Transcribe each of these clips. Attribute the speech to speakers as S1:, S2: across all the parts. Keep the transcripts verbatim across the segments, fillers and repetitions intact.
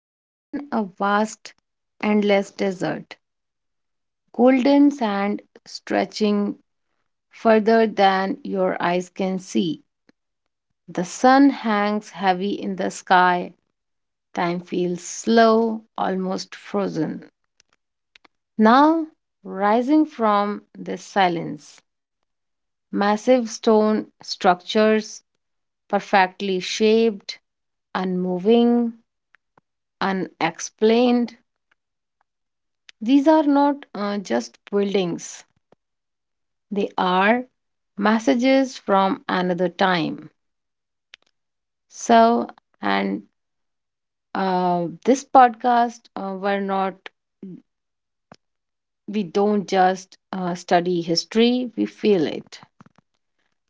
S1: Imagine a vast, endless desert, golden sand stretching further than your eyes can see. The sun hangs heavy in the sky. Time feels slow, almost frozen. Now, rising from this silence, massive stone structures, perfectly shaped, unmoving, unexplained. These are not uh, just buildings, they are messages from another time. So, and uh, this podcast, uh, we're not, we don't just uh, study history, we feel it.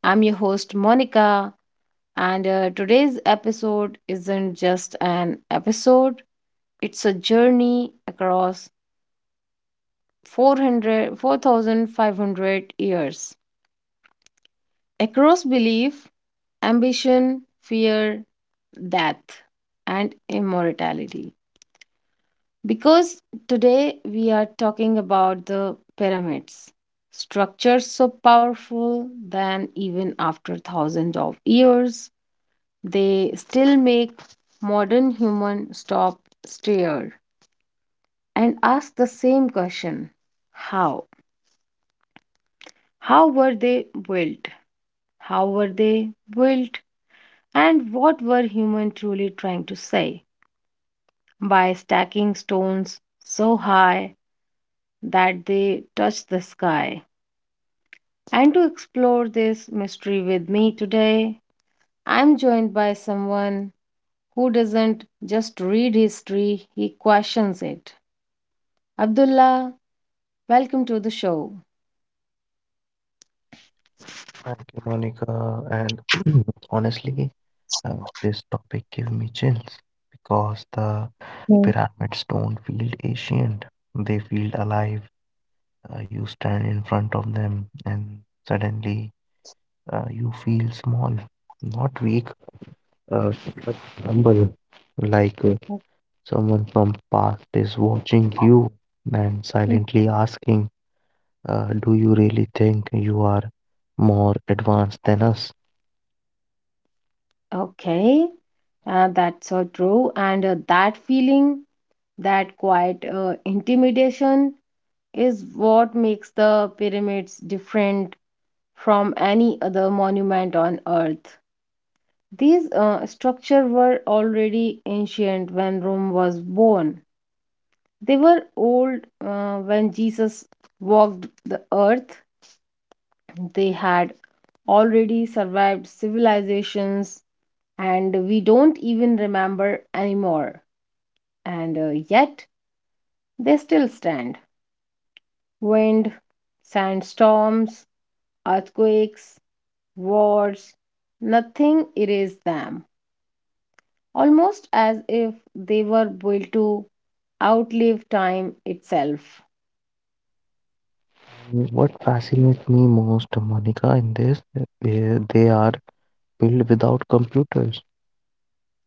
S1: I'm your host, Monica, and uh, today's episode isn't just an episode, it's a journey across four hundred, four thousand five hundred years across belief, ambition, fear, death, and immortality. Because today we are talking about the pyramids, structures so powerful that even after thousands of years, they still make modern human stop, stare, and ask the same question: How? How were they built? How were they built? And what were humans truly trying to say by stacking stones so high that they touch the sky? And to explore this mystery with me today, I'm joined by someone who doesn't just read history, he questions it. Abdullah, welcome to the show.
S2: Thank you, Monica. And honestly, uh, this topic gave me chills because the
S1: Yeah.
S2: pyramids don't feel ancient. They feel alive. Uh, you stand in front of them and suddenly uh, you feel small, not weak, uh, but humble, like uh, someone from past is watching you and
S1: Okay,
S2: silently asking, uh, do you really think you are more advanced than us?
S1: okay. Uh, that's so true. And uh, that feeling, that quiet uh, intimidation is what makes the pyramids different from any other monument on earth. These uh, structures were already ancient when Rome was born. They were old uh, when Jesus walked the earth. They had already survived civilizations and we don't even remember anymore. And uh, yet, they still stand. Wind, sandstorms, earthquakes, words, nothing erased them, almost as if they were built to outlive time itself.
S2: Mm, What fascinates me most, Monica, in this, uh, they, they are built without computers,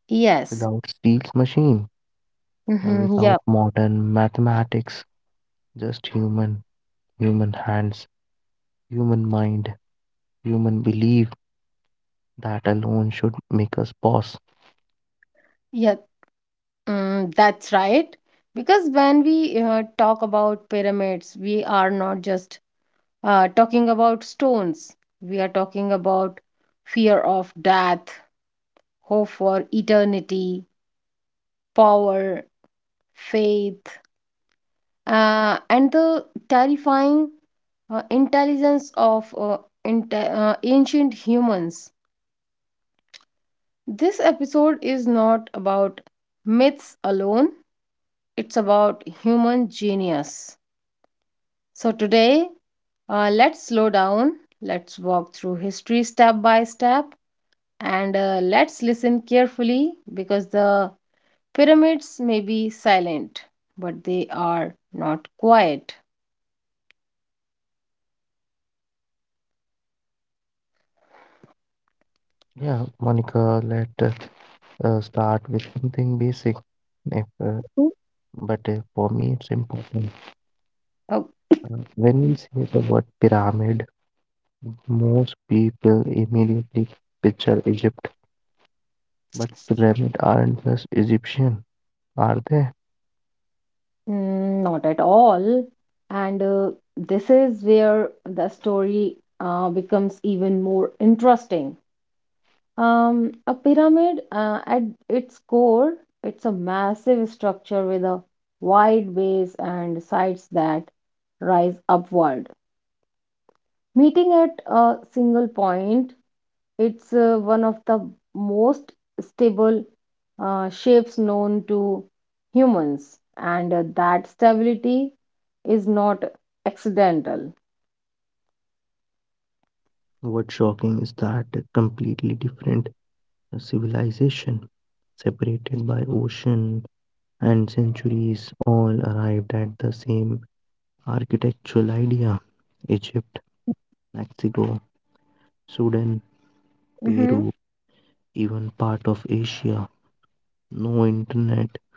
S1: Yes.
S2: without steels machine, uh,
S1: Mm-hmm. Yep.
S2: without modern mathematics, just human, human hands, human mind, human belief. That alone should make us pause.
S1: Yeah, mm, that's right. Because when we uh, talk about pyramids, we are not just uh, talking about stones, we are talking about fear of death, hope for eternity, power, faith, uh, and the terrifying uh, intelligence of uh, inte- uh, ancient humans. This episode is not about myths alone, it's about human genius. So, today, uh, let's slow down, let's walk through history step by step, and uh, let's listen carefully because the pyramids may be silent, but they are not quiet.
S2: Yeah, Monica, let us uh, start with something basic. If, uh, but uh, for me, it's important.
S1: Oh.
S2: Uh, when we say the word pyramid, most people immediately picture Egypt, but pyramids aren't just Egyptian, are they?
S1: Mm, not at all. And uh, this is where the story uh, becomes even more interesting. Um, a pyramid, uh, at its core, it's a massive structure with a wide base and sides that rise upward, meeting at a single point. It's uh, one of the most stable uh, shapes known to humans, and uh, that stability is not accidental.
S2: What's shocking is that a completely different civilization, separated by ocean and centuries, all arrived at the same architectural idea. Egypt, Mexico, Sudan,
S1: Mm-hmm.
S2: Peru, even part of Asia. No internet,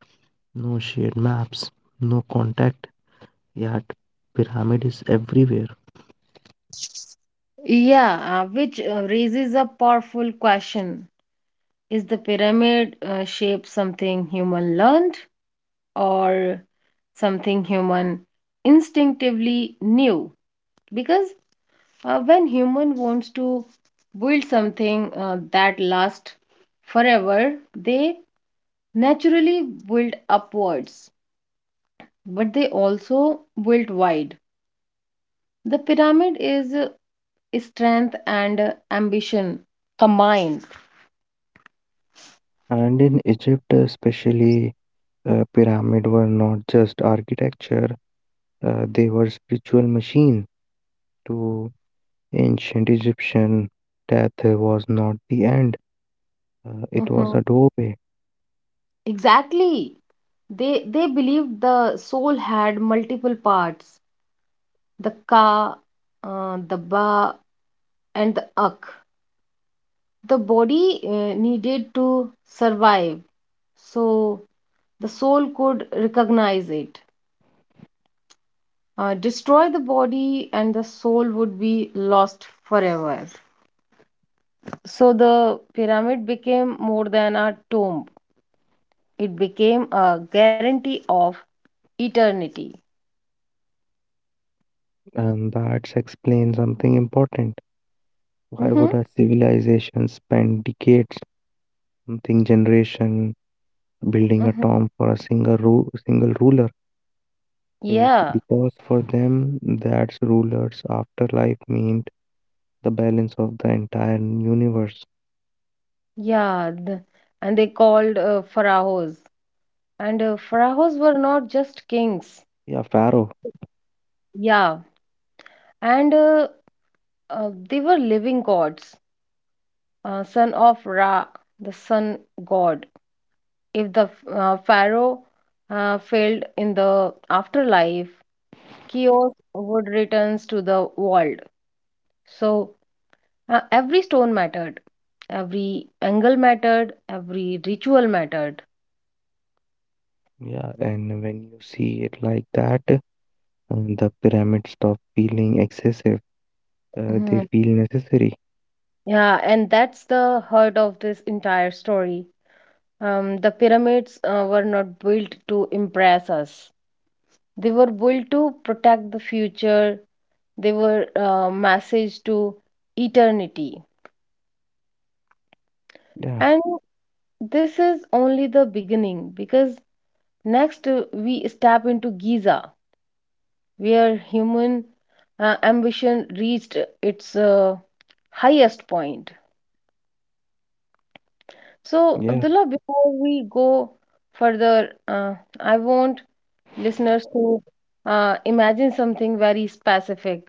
S2: no shared maps, no contact, yet pyramid is everywhere.
S1: Yeah, uh, which uh, raises a powerful question. Is the pyramid uh, shape something human learned or something human instinctively knew? Because Uh, when human wants to build something uh, that lasts forever, they naturally build upwards, but they also build wide. The pyramid is uh, strength and uh, ambition combined.
S2: And in Egypt, uh, especially, uh, pyramid were not just architecture; uh, they were spiritual machine. To ancient Egyptian, death uh, was not the end; uh, it
S1: Mhm.
S2: was a doorway,
S1: Exactly. They they believed the soul had multiple parts: the ka, uh, the ba, and the ak. The body uh, needed to survive, so the soul could recognize it. Uh, destroy the body, and the soul would be lost forever. So the pyramid became more than a tomb, it became a guarantee of eternity.
S2: and that explains something important. Why
S1: Mm-hmm.
S2: would a civilization spend decades, something generation, building a
S1: Mm-hmm.
S2: tomb for a single ru- single ruler? Well,
S1: Yeah,
S2: because for them, that's ruler's afterlife means the balance of the entire universe.
S1: yeah. th- and they called uh, pharaohs. And uh, pharaohs were not just kings.
S2: Yeah, Pharaoh.
S1: Yeah. And uh, uh, they were living gods, uh, son of Ra, the sun god. If the uh, pharaoh uh, failed in the afterlife, chaos would returns to the world. So uh, every stone mattered, every angle mattered, every ritual mattered.
S2: Yeah, and when you see it like that, uh, the pyramids stop feeling excessive. Uh, they
S1: Mhm.
S2: feel necessary.
S1: Yeah, and that's the heart of this entire story. Um, the pyramids uh, were not built to impress us. They were built to protect the future. They were uh, message to eternity.
S2: Yeah,
S1: And this is only the beginning because next uh, we step into Giza, where human uh, ambition reached its uh, highest point. So,
S2: yeah.
S1: Abdullah, before we go further, uh, I want listeners to uh, imagine something very specific.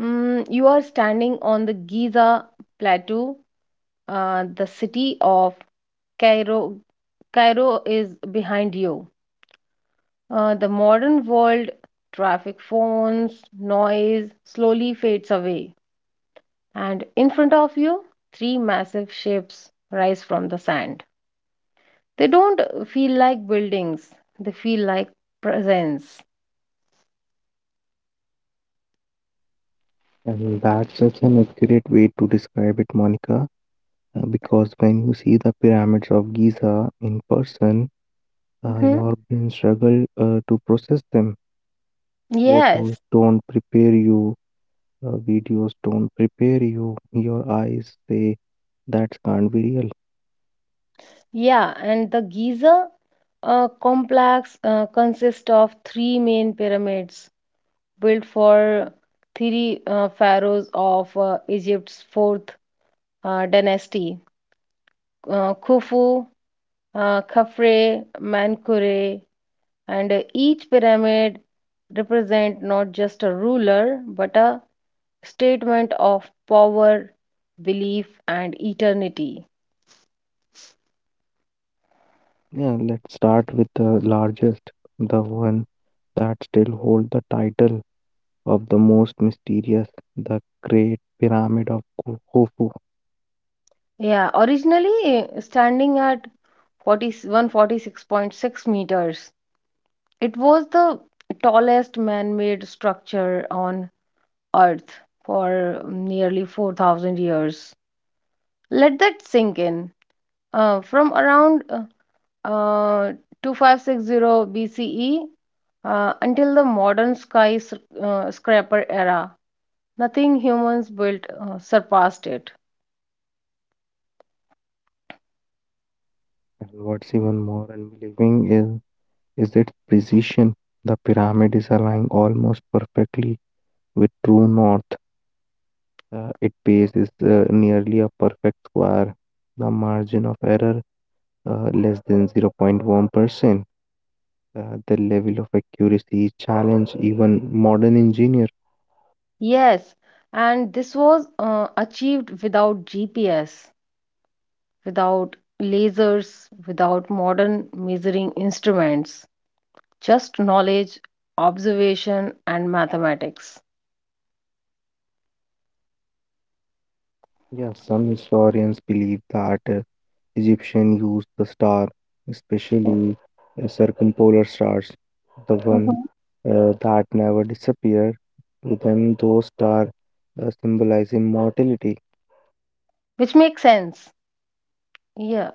S1: Mm, you are standing on the Giza plateau, uh, the city of Cairo. Cairo is behind you. Uh, the modern world, traffic phones, noise slowly fades away, and in front of you, three massive shapes rise from the sand. They don't uh, feel like buildings, they feel like presence.
S2: And that's such an accurate way to describe it, Monica. Uh, because when you see the pyramids of Giza in person, uh,
S1: Mhm.
S2: your brain struggle uh, to process them.
S1: Yes,
S2: Photos don't prepare you. Uh, videos don't prepare you. Your eyes say that can't be real.
S1: yeah, and the Giza uh, complex uh, consists of three main pyramids built for three uh, pharaohs of uh, Egypt's fourth uh, dynasty: uh, Khufu, uh, Khafre, Mankure, and uh, each pyramid represent not just a ruler but a statement of power, belief, and eternity.
S2: Yeah, let's start with the largest, the one that still holds the title of the most mysterious, the Great Pyramid of Khu- Khufu.
S1: Yeah, originally uh, standing at forty-one forty-six point six meters, it was the tallest man-made structure on Earth for nearly four thousand years. Let that sink in. Uh, from around uh, uh, twenty five sixty B C E uh, until the modern sky sc- uh, scraper era. Nothing humans built uh, surpassed it.
S2: And what's even more unbelieving is, is its precision. The pyramid is aligned almost perfectly with true north. Uh, its base is uh, nearly a perfect square. The margin of error uh, less than zero point one percent. Uh, the level of accuracy challenge even modern engineer.
S1: Yes, and this was uh, achieved without G P S, without lasers, without modern measuring instruments, just knowledge, observation, and mathematics.
S2: Yeah, some historians believe that uh, Egyptians used the star, especially uh, circumpolar stars, the one
S1: Mhm,
S2: uh, that never disappear. To them, those stars uh, symbolize immortality.
S1: which makes sense. Yeah,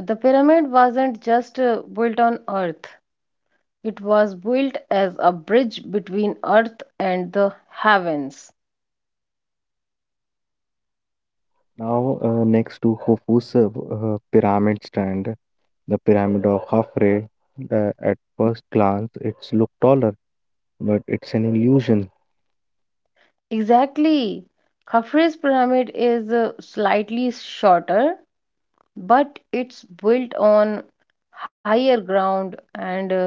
S1: the pyramid wasn't just uh, built on Earth, it was built as a bridge between earth and the heavens.
S2: Now, uh, next to Khufu's uh, pyramid stand, the pyramid of Khafre, uh, at first glance, it's look taller, but it's an illusion.
S1: Exactly. Khafre's pyramid is uh, slightly shorter, but it's built on higher ground and uh,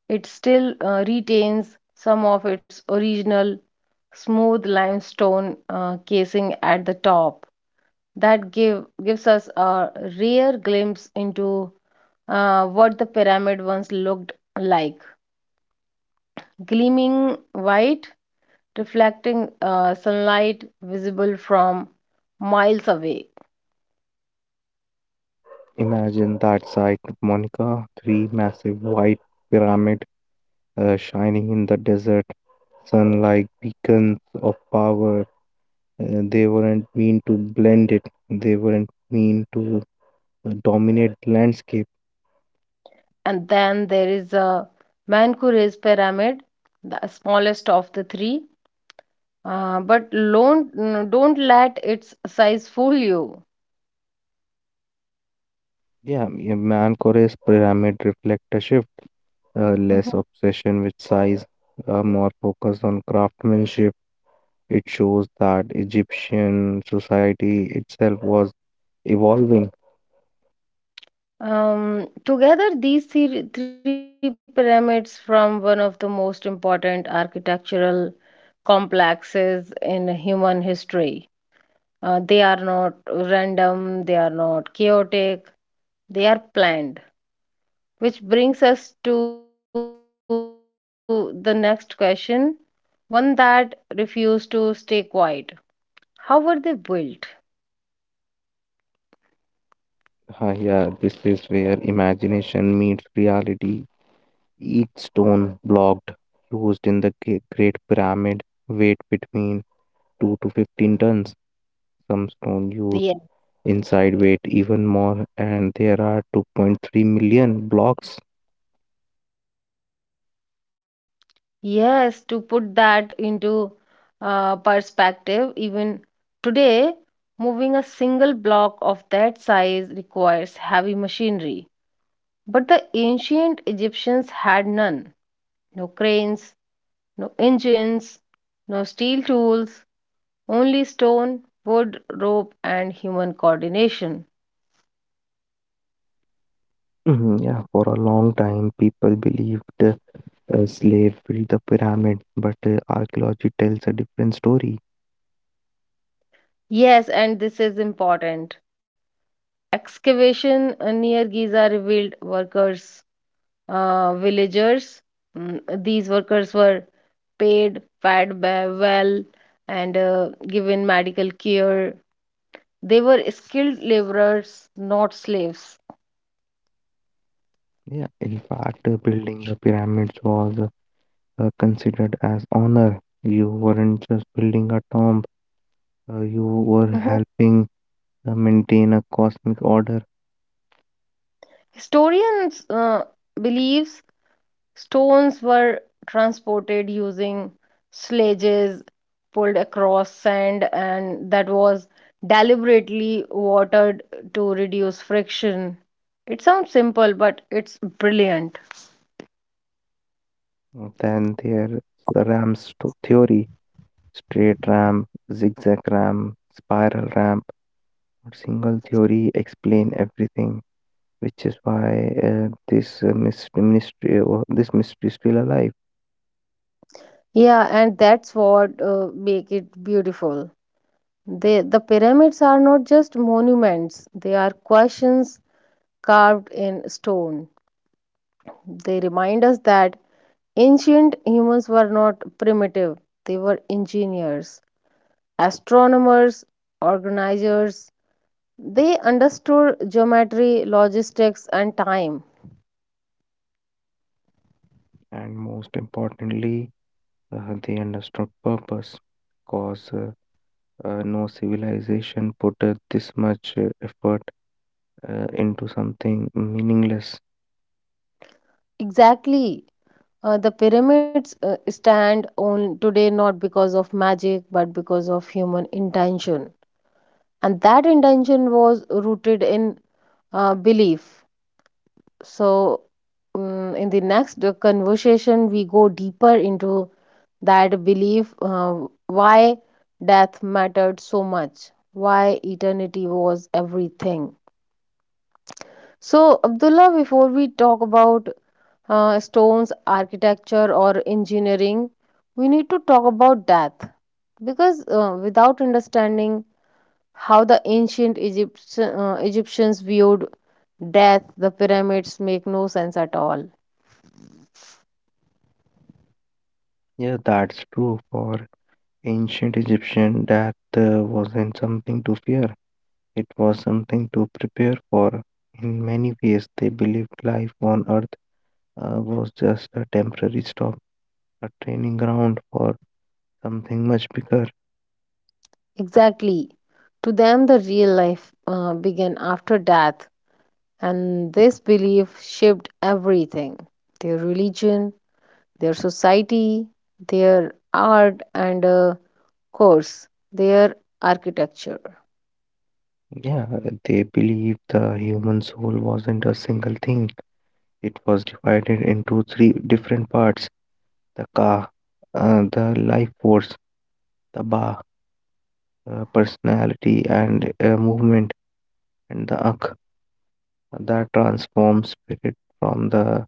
S1: it still uh, retains some of its original smooth limestone uh, casing at the top. That give gives us a rare glimpse into uh, what the pyramid once looked like: gleaming white, reflecting uh, sunlight visible from miles away.
S2: Imagine that site, Monica, three massive white pyramid uh, shining in the desert sun like beacons of power. Uh, they weren't mean to blend it, they weren't mean to uh, dominate the landscape.
S1: And then there is a Mankoure's pyramid, the smallest of the three. Uh, but don't, don't let its size fool you.
S2: Yeah, a Mancore's pyramid reflect a shift, uh, less
S1: Mhm.
S2: obsession with size, uh, more focus on craftsmanship. It shows that Egyptian society itself was evolving.
S1: Um, together, these three, three pyramids from one of the most important architectural complexes in human history. Uh, they are not random, they are not chaotic, they are planned. Which brings us to the next question, one that refused to stay quiet. How were they built?
S2: Ah, yeah, this is where imagination meets reality. Each stone blocked used in the Gre- Great Pyramid weighed between two to fifteen tons. Some stone used inside weight
S1: Yes,
S2: even more, and there are two point three million blocks.
S1: yes, to put that into uh, perspective, even today, moving a single block of that size requires heavy machinery. But the ancient Egyptians had none, no cranes, no engines, no steel tools, only stone, wood, rope, and human coordination.
S2: Mhm, yeah, for a long time, people believed uh, a slave built the pyramid, but uh, archaeology tells a different story.
S1: Yes, and this is important. Excavation uh, near Giza revealed workers, uh, villagers. Mm, these workers were paid, fed ba- well, and uh, given medical care. They were skilled laborers, not slaves.
S2: Yeah, in fact, uh, building the pyramids was uh, considered as honor. You weren't just building a tomb; uh, you were
S1: Mhm.
S2: helping uh, maintain a cosmic order
S1: Historians uh, believe stones were transported using sledges pulled across sand, and that was deliberately watered to reduce friction. It sounds simple, but it's brilliant.
S2: than their ram's to- theory. Straight ramp, zigzag ramp, spiral ramp, or single theory explain everything, which is why uh, this uh, mystery, mystery or this mystery is still alive.
S1: Yeah, and that's what uh, make it beautiful. They, the pyramids are not just monuments, they are questions carved in stone. They remind us that ancient humans were not primitive, they were engineers, astronomers, organizers. They understood geometry, logistics, and time.
S2: And most importantly, uh, they understood purpose, cause. Uh, uh, no civilization put uh, this much uh, effort uh, into something meaningless.
S1: Exactly. Uh, the pyramids uh, stand on today not because of magic but because of human intention. And that intention was rooted in uh, belief. So, mm in the next uh, conversation, we go deeper into that belief, uh, why death mattered so much, why eternity was everything. So, Abdullah, before we talk about uh, stones, architecture, or engineering, we need to talk about death because uh, without understanding how the ancient Egypt uh, Egyptians viewed death, the pyramids make no sense at all.
S2: Yeah, that's true for ancient Egyptian death uh, wasn't something to fear, it was something to prepare for. In many ways, they believed life on earth uh, was just a temporary stop, a training ground for something much bigger.
S1: Exactly. To them, the real life uh, began after death, and this belief shaped everything: their religion, their society, their art, and of course, their architecture.
S2: Yeah, they believed the human soul wasn't a single thing, it was divided into three different parts: the ka, uh, the life force, the ba, uh, personality, and uh, movement, and the ak that transforms spirit from the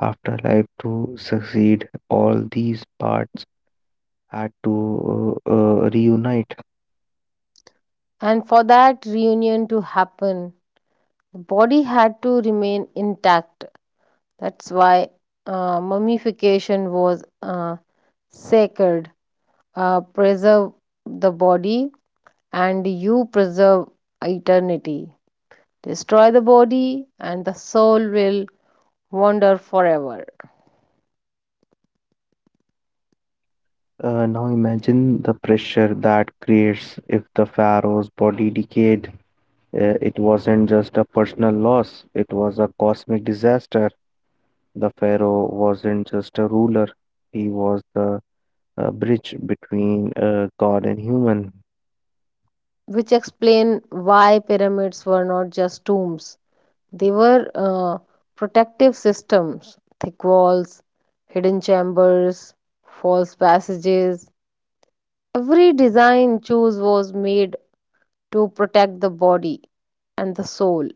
S2: afterlife to succeed. All these parts had to uh, uh, reunite.
S1: And for that reunion to happen, the body had to remain intact. That's why uh, mummification was uh, sacred. Uh, preserve the body and you preserve eternity. Destroy the body, and the soul will wander forever.
S2: Uh, now imagine the pressure that creates if the pharaoh's body decayed. Uh, it wasn't just a personal loss, it was a cosmic disaster. The pharaoh wasn't just a ruler, he was the uh, bridge between uh, God and human.
S1: Which explain why pyramids were not just tombs; they were uh, protective systems: thick walls, hidden chambers, false passages. Every design choose was made to protect the body and the soul.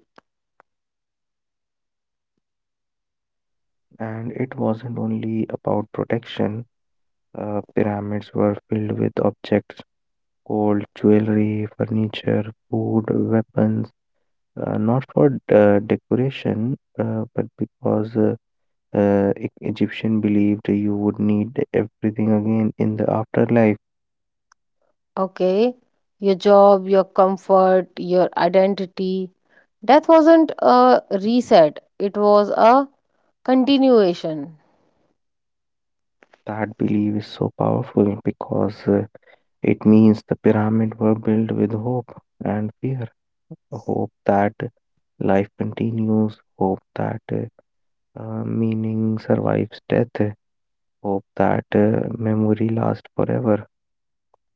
S2: And it wasn't only about protection. Uh, pyramids were filled with objects, gold, jewelry, furniture, food, weapons, uh, not for uh, decoration, uh, but because uh, uh, E- Egyptian believed you would need everything again in the afterlife.
S1: Okay, your job, your comfort, your identity. Death wasn't a reset, it was a continuation.
S2: That belief is so powerful because uh, it means the pyramids were built with hope and fear, hope that life continues, hope that uh, uh, meaning survives death. Hope that uh, memory lasts forever.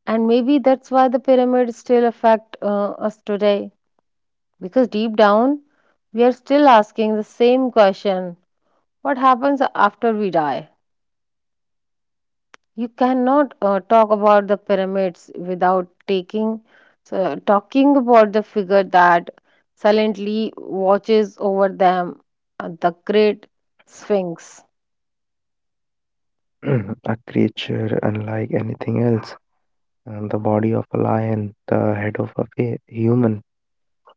S1: And maybe that's why the pyramids still affect uh, us today. Because deep down, we are still asking the same question: what happens after we die? You cannot uh, talk about the pyramids without taking, so talking about the figure that silently watches over them, uh, the Great Sphinx.
S2: A creature unlike anything else, and the body of a lion, the head of a fa- human,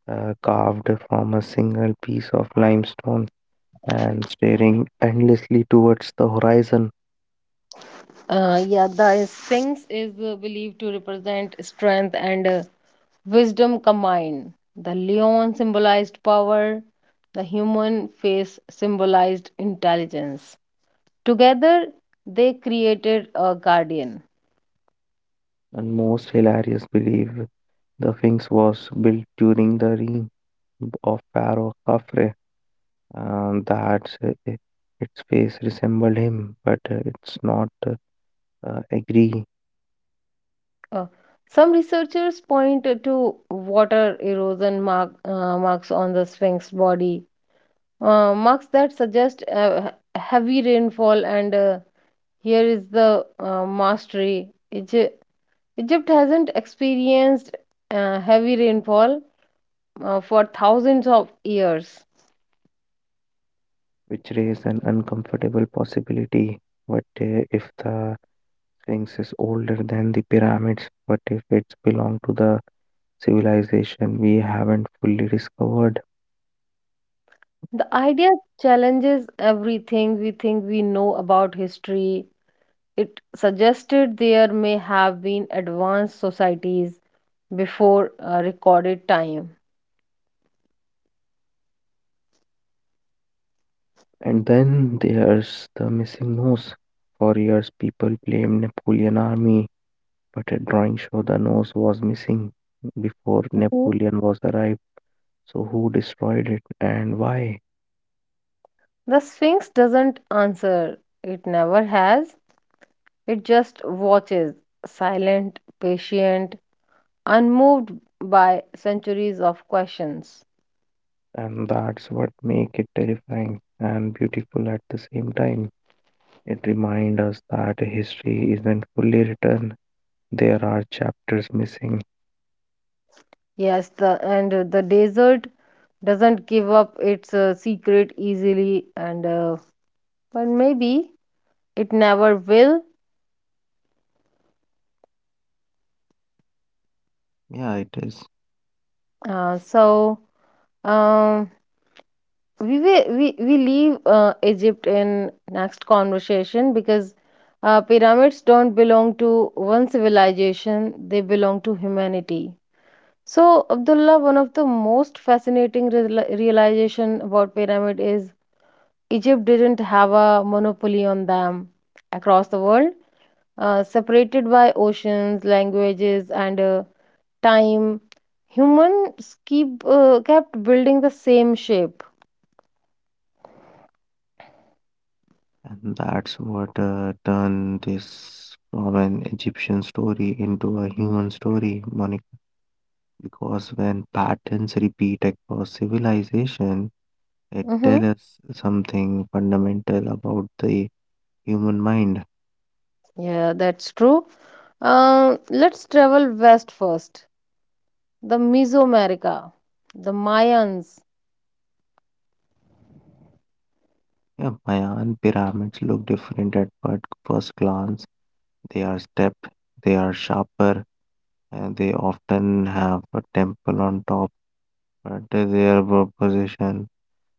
S2: uh, carved from a single piece of limestone, and staring endlessly towards the horizon.
S1: Uh, yeah, the Sphinx is uh, believed to represent strength and uh, wisdom combined. The lion symbolized power, the human face symbolized intelligence. Together, they created a guardian.
S2: And most hilarious believe the Sphinx was built during the reign of Pharaoh Khafre, and that uh, its face resembled him, but uh, it's not uh, agree
S1: Uh, some researchers point to water erosion mark, uh, marks on the Sphinx body, uh, marks that suggest uh, heavy rainfall, and uh, here is the uh, mastery. It Egypt hasn't experienced uh, heavy rainfall uh, for thousands of years.
S2: which raise an uncomfortable possibility. What uh, if the Sphinx is older than the pyramids? What if it's belong to the civilization we haven't fully discovered?
S1: The idea challenges everything we think we know about history. It suggested there may have been advanced societies before uh, recorded time.
S2: And then there's the missing nose. For years, people blamed Napoleon's army, but a drawing show the nose was missing before
S1: Mhm.
S2: Napoleon was arrived. So who destroyed it and why?
S1: The Sphinx doesn't answer, it never has. It just watches, silent, patient, unmoved by centuries of questions.
S2: And that's what makes it terrifying and beautiful at the same time. It reminds us that history isn't fully written, there are chapters missing.
S1: Yes, the and uh, the desert doesn't give up its uh, secret easily, and uh, but maybe it never will.
S2: Yeah, it is.
S1: Uh, so um, we will we we leave uh, Egypt in next conversation because uh, pyramids don't belong to one civilization; they belong to humanity. So, Abdullah, one of the most fascinating real realization about pyramid is Egypt didn't have a monopoly on them. Across the world, Uh, separated by oceans, languages, and uh, time, humans keep uh, kept building the same shape.
S2: And that's what uh, turned this from an Egyptian story into a human story, Monica. Because when patterns repeat across civilization, it tells
S1: Hmm.
S2: us something fundamental about the human mind.
S1: Yeah, that's true. Uh, let's travel west first. The Mesoamerica, the Mayans.
S2: Yeah, Mayan pyramids look different at fir- first glance. They are stepped, they are sharper, and they often have a temple on top, but their proposition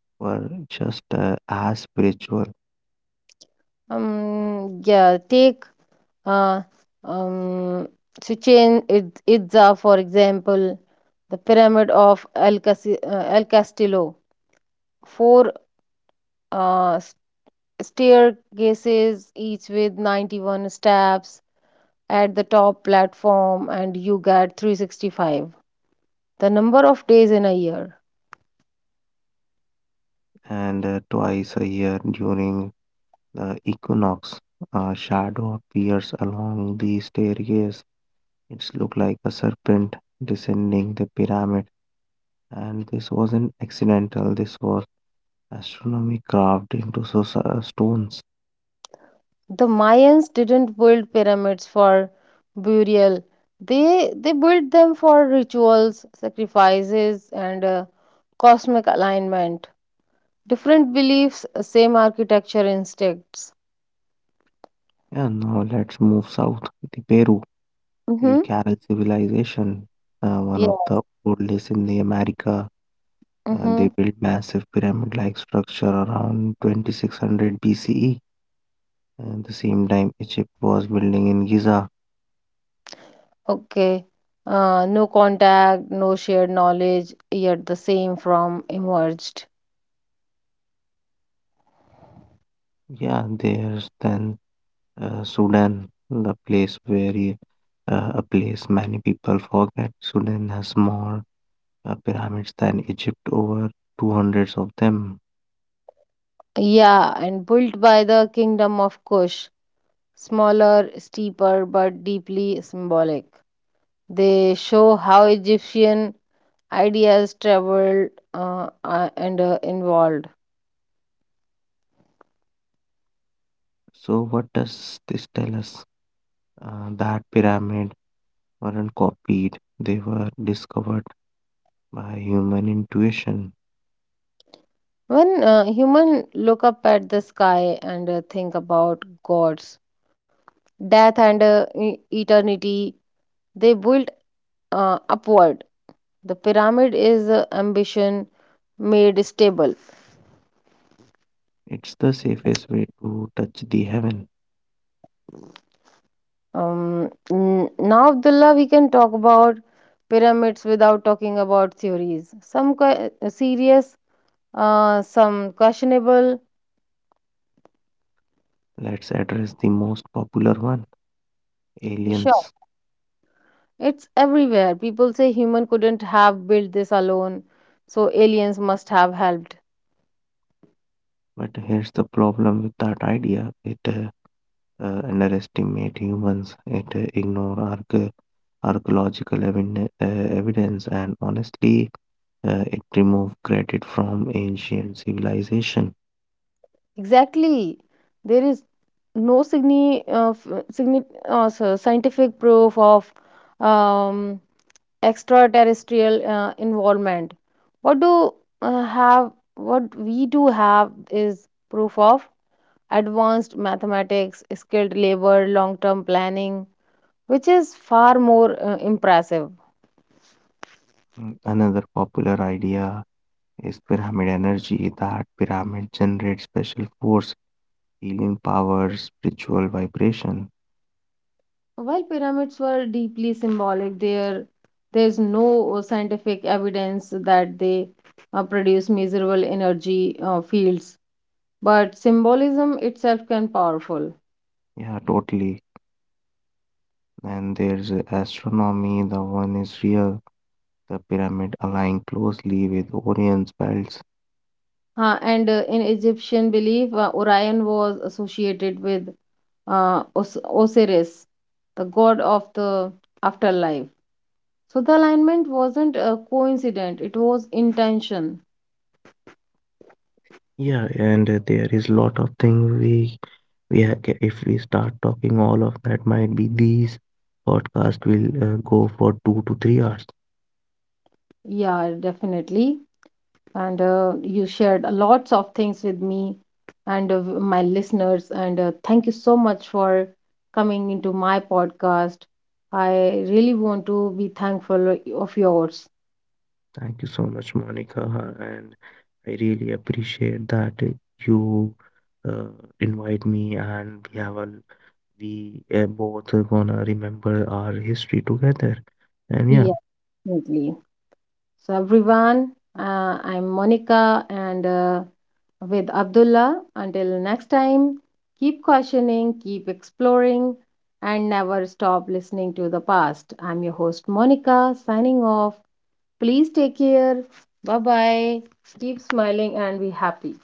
S2: were just uh, as spiritual.
S1: Um, yeah, take uh, um, Chichen Itz- Itza, for example, the Pyramid of El, Casi- uh, El Castillo: four uh, s- staircases, each with ninety-one steps at the top platform, and you get three hundred sixty-five, the number of days in a year.
S2: And uh, twice a year during the equinox, a shadow appears along the staircase. It's looked like a serpent descending the pyramid, and this wasn't accidental. This was astronomy carved into so- so- uh, stones.
S1: The Mayans didn't build pyramids for burial. They they built them for rituals, sacrifices, and uh, cosmic alignment. Different beliefs, uh, same architecture instincts.
S2: And now let's move south, the Peru. The
S1: Mm-hmm.
S2: Carol civilization, uh, one of
S1: Yeah.
S2: the oldest in the America, uh, they
S1: Mm-hmm.
S2: built massive pyramid-like structure around twenty-six hundred B C E. At the same time, Egypt was building in Giza.
S1: Okay. Uh, no contact, no shared knowledge, yet the same from emerged.
S2: Yeah, there's then uh, Sudan, the place where you- uh, a place many people forget. Sudan has more uh, pyramids than Egypt, over two hundreds of them.
S1: Yeah, and built by the kingdom of Kush, smaller, steeper, but deeply symbolic. They show how Egyptian ideas traveled uh, uh, and uh, involved.
S2: So, what does this tell us? Uh, that pyramid weren't copied, they were discovered by human intuition.
S1: When uh, human look up at the sky and uh, think about gods, death, and uh, e- eternity, they built uh, upward. The pyramid is uh, ambition made stable.
S2: It's the safest way to touch the heaven.
S1: Um, n- now, Abdullah, we can talk about pyramids without talking about theories, some que- uh, serious, uh, some questionable.
S2: Let's address the most popular one,
S1: Sure,
S2: aliens.
S1: it's everywhere. People say human couldn't have built this alone, so aliens must have helped.
S2: But here's the problem with that idea, it uh, uh, underestimates humans, it uh, ignores arch- archaeological eviden- uh, evidence, and honestly, uh, it remove credit from ancient civilization.
S1: Exactly. There is no signi uh, f- signi uh, so- scientific proof of um, extraterrestrial uh, involvement. What do uh, have what we do have is proof of advanced mathematics, skilled labor, long-term planning, which is far more uh, impressive.
S2: Mm, another popular idea is pyramid energy, that pyramid generates special force, healing powers, spiritual vibration.
S1: While pyramids were deeply symbolic, there there's no uh, scientific evidence that they uh, produce measurable energy uh, fields, but symbolism itself can powerful.
S2: Yeah, totally. Then there's astronomy, the one is real, the pyramid align closely with Orion's belts.
S1: Uh, and uh, in Egyptian belief, uh, Orion was associated with uh, Os- Osiris, the god of the afterlife. So the alignment wasn't a coincidence, it was intention.
S2: Yeah, and there is lot of thing we we ha- ca- if we start talking all of that might be these podcast will uh, go for two to three hours.
S1: Yeah, definitely. And uh, you shared lots of things with me and uh, my listeners, and uh, thank you so much for coming into my podcast. I really want to be thankful of yours.
S2: Thank you so much, Monica, and I really appreciate that you uh, invite me and we have a we uh, both gonna remember our history together. And yeah,
S1: Yeah, definitely. So everyone, uh, I'm Monica, and uh, with Abdullah, until next time, keep questioning, keep exploring, and never stop listening to the past. I'm your host, Monica, signing off. Please take care. Bye bye. Keep smiling and be happy.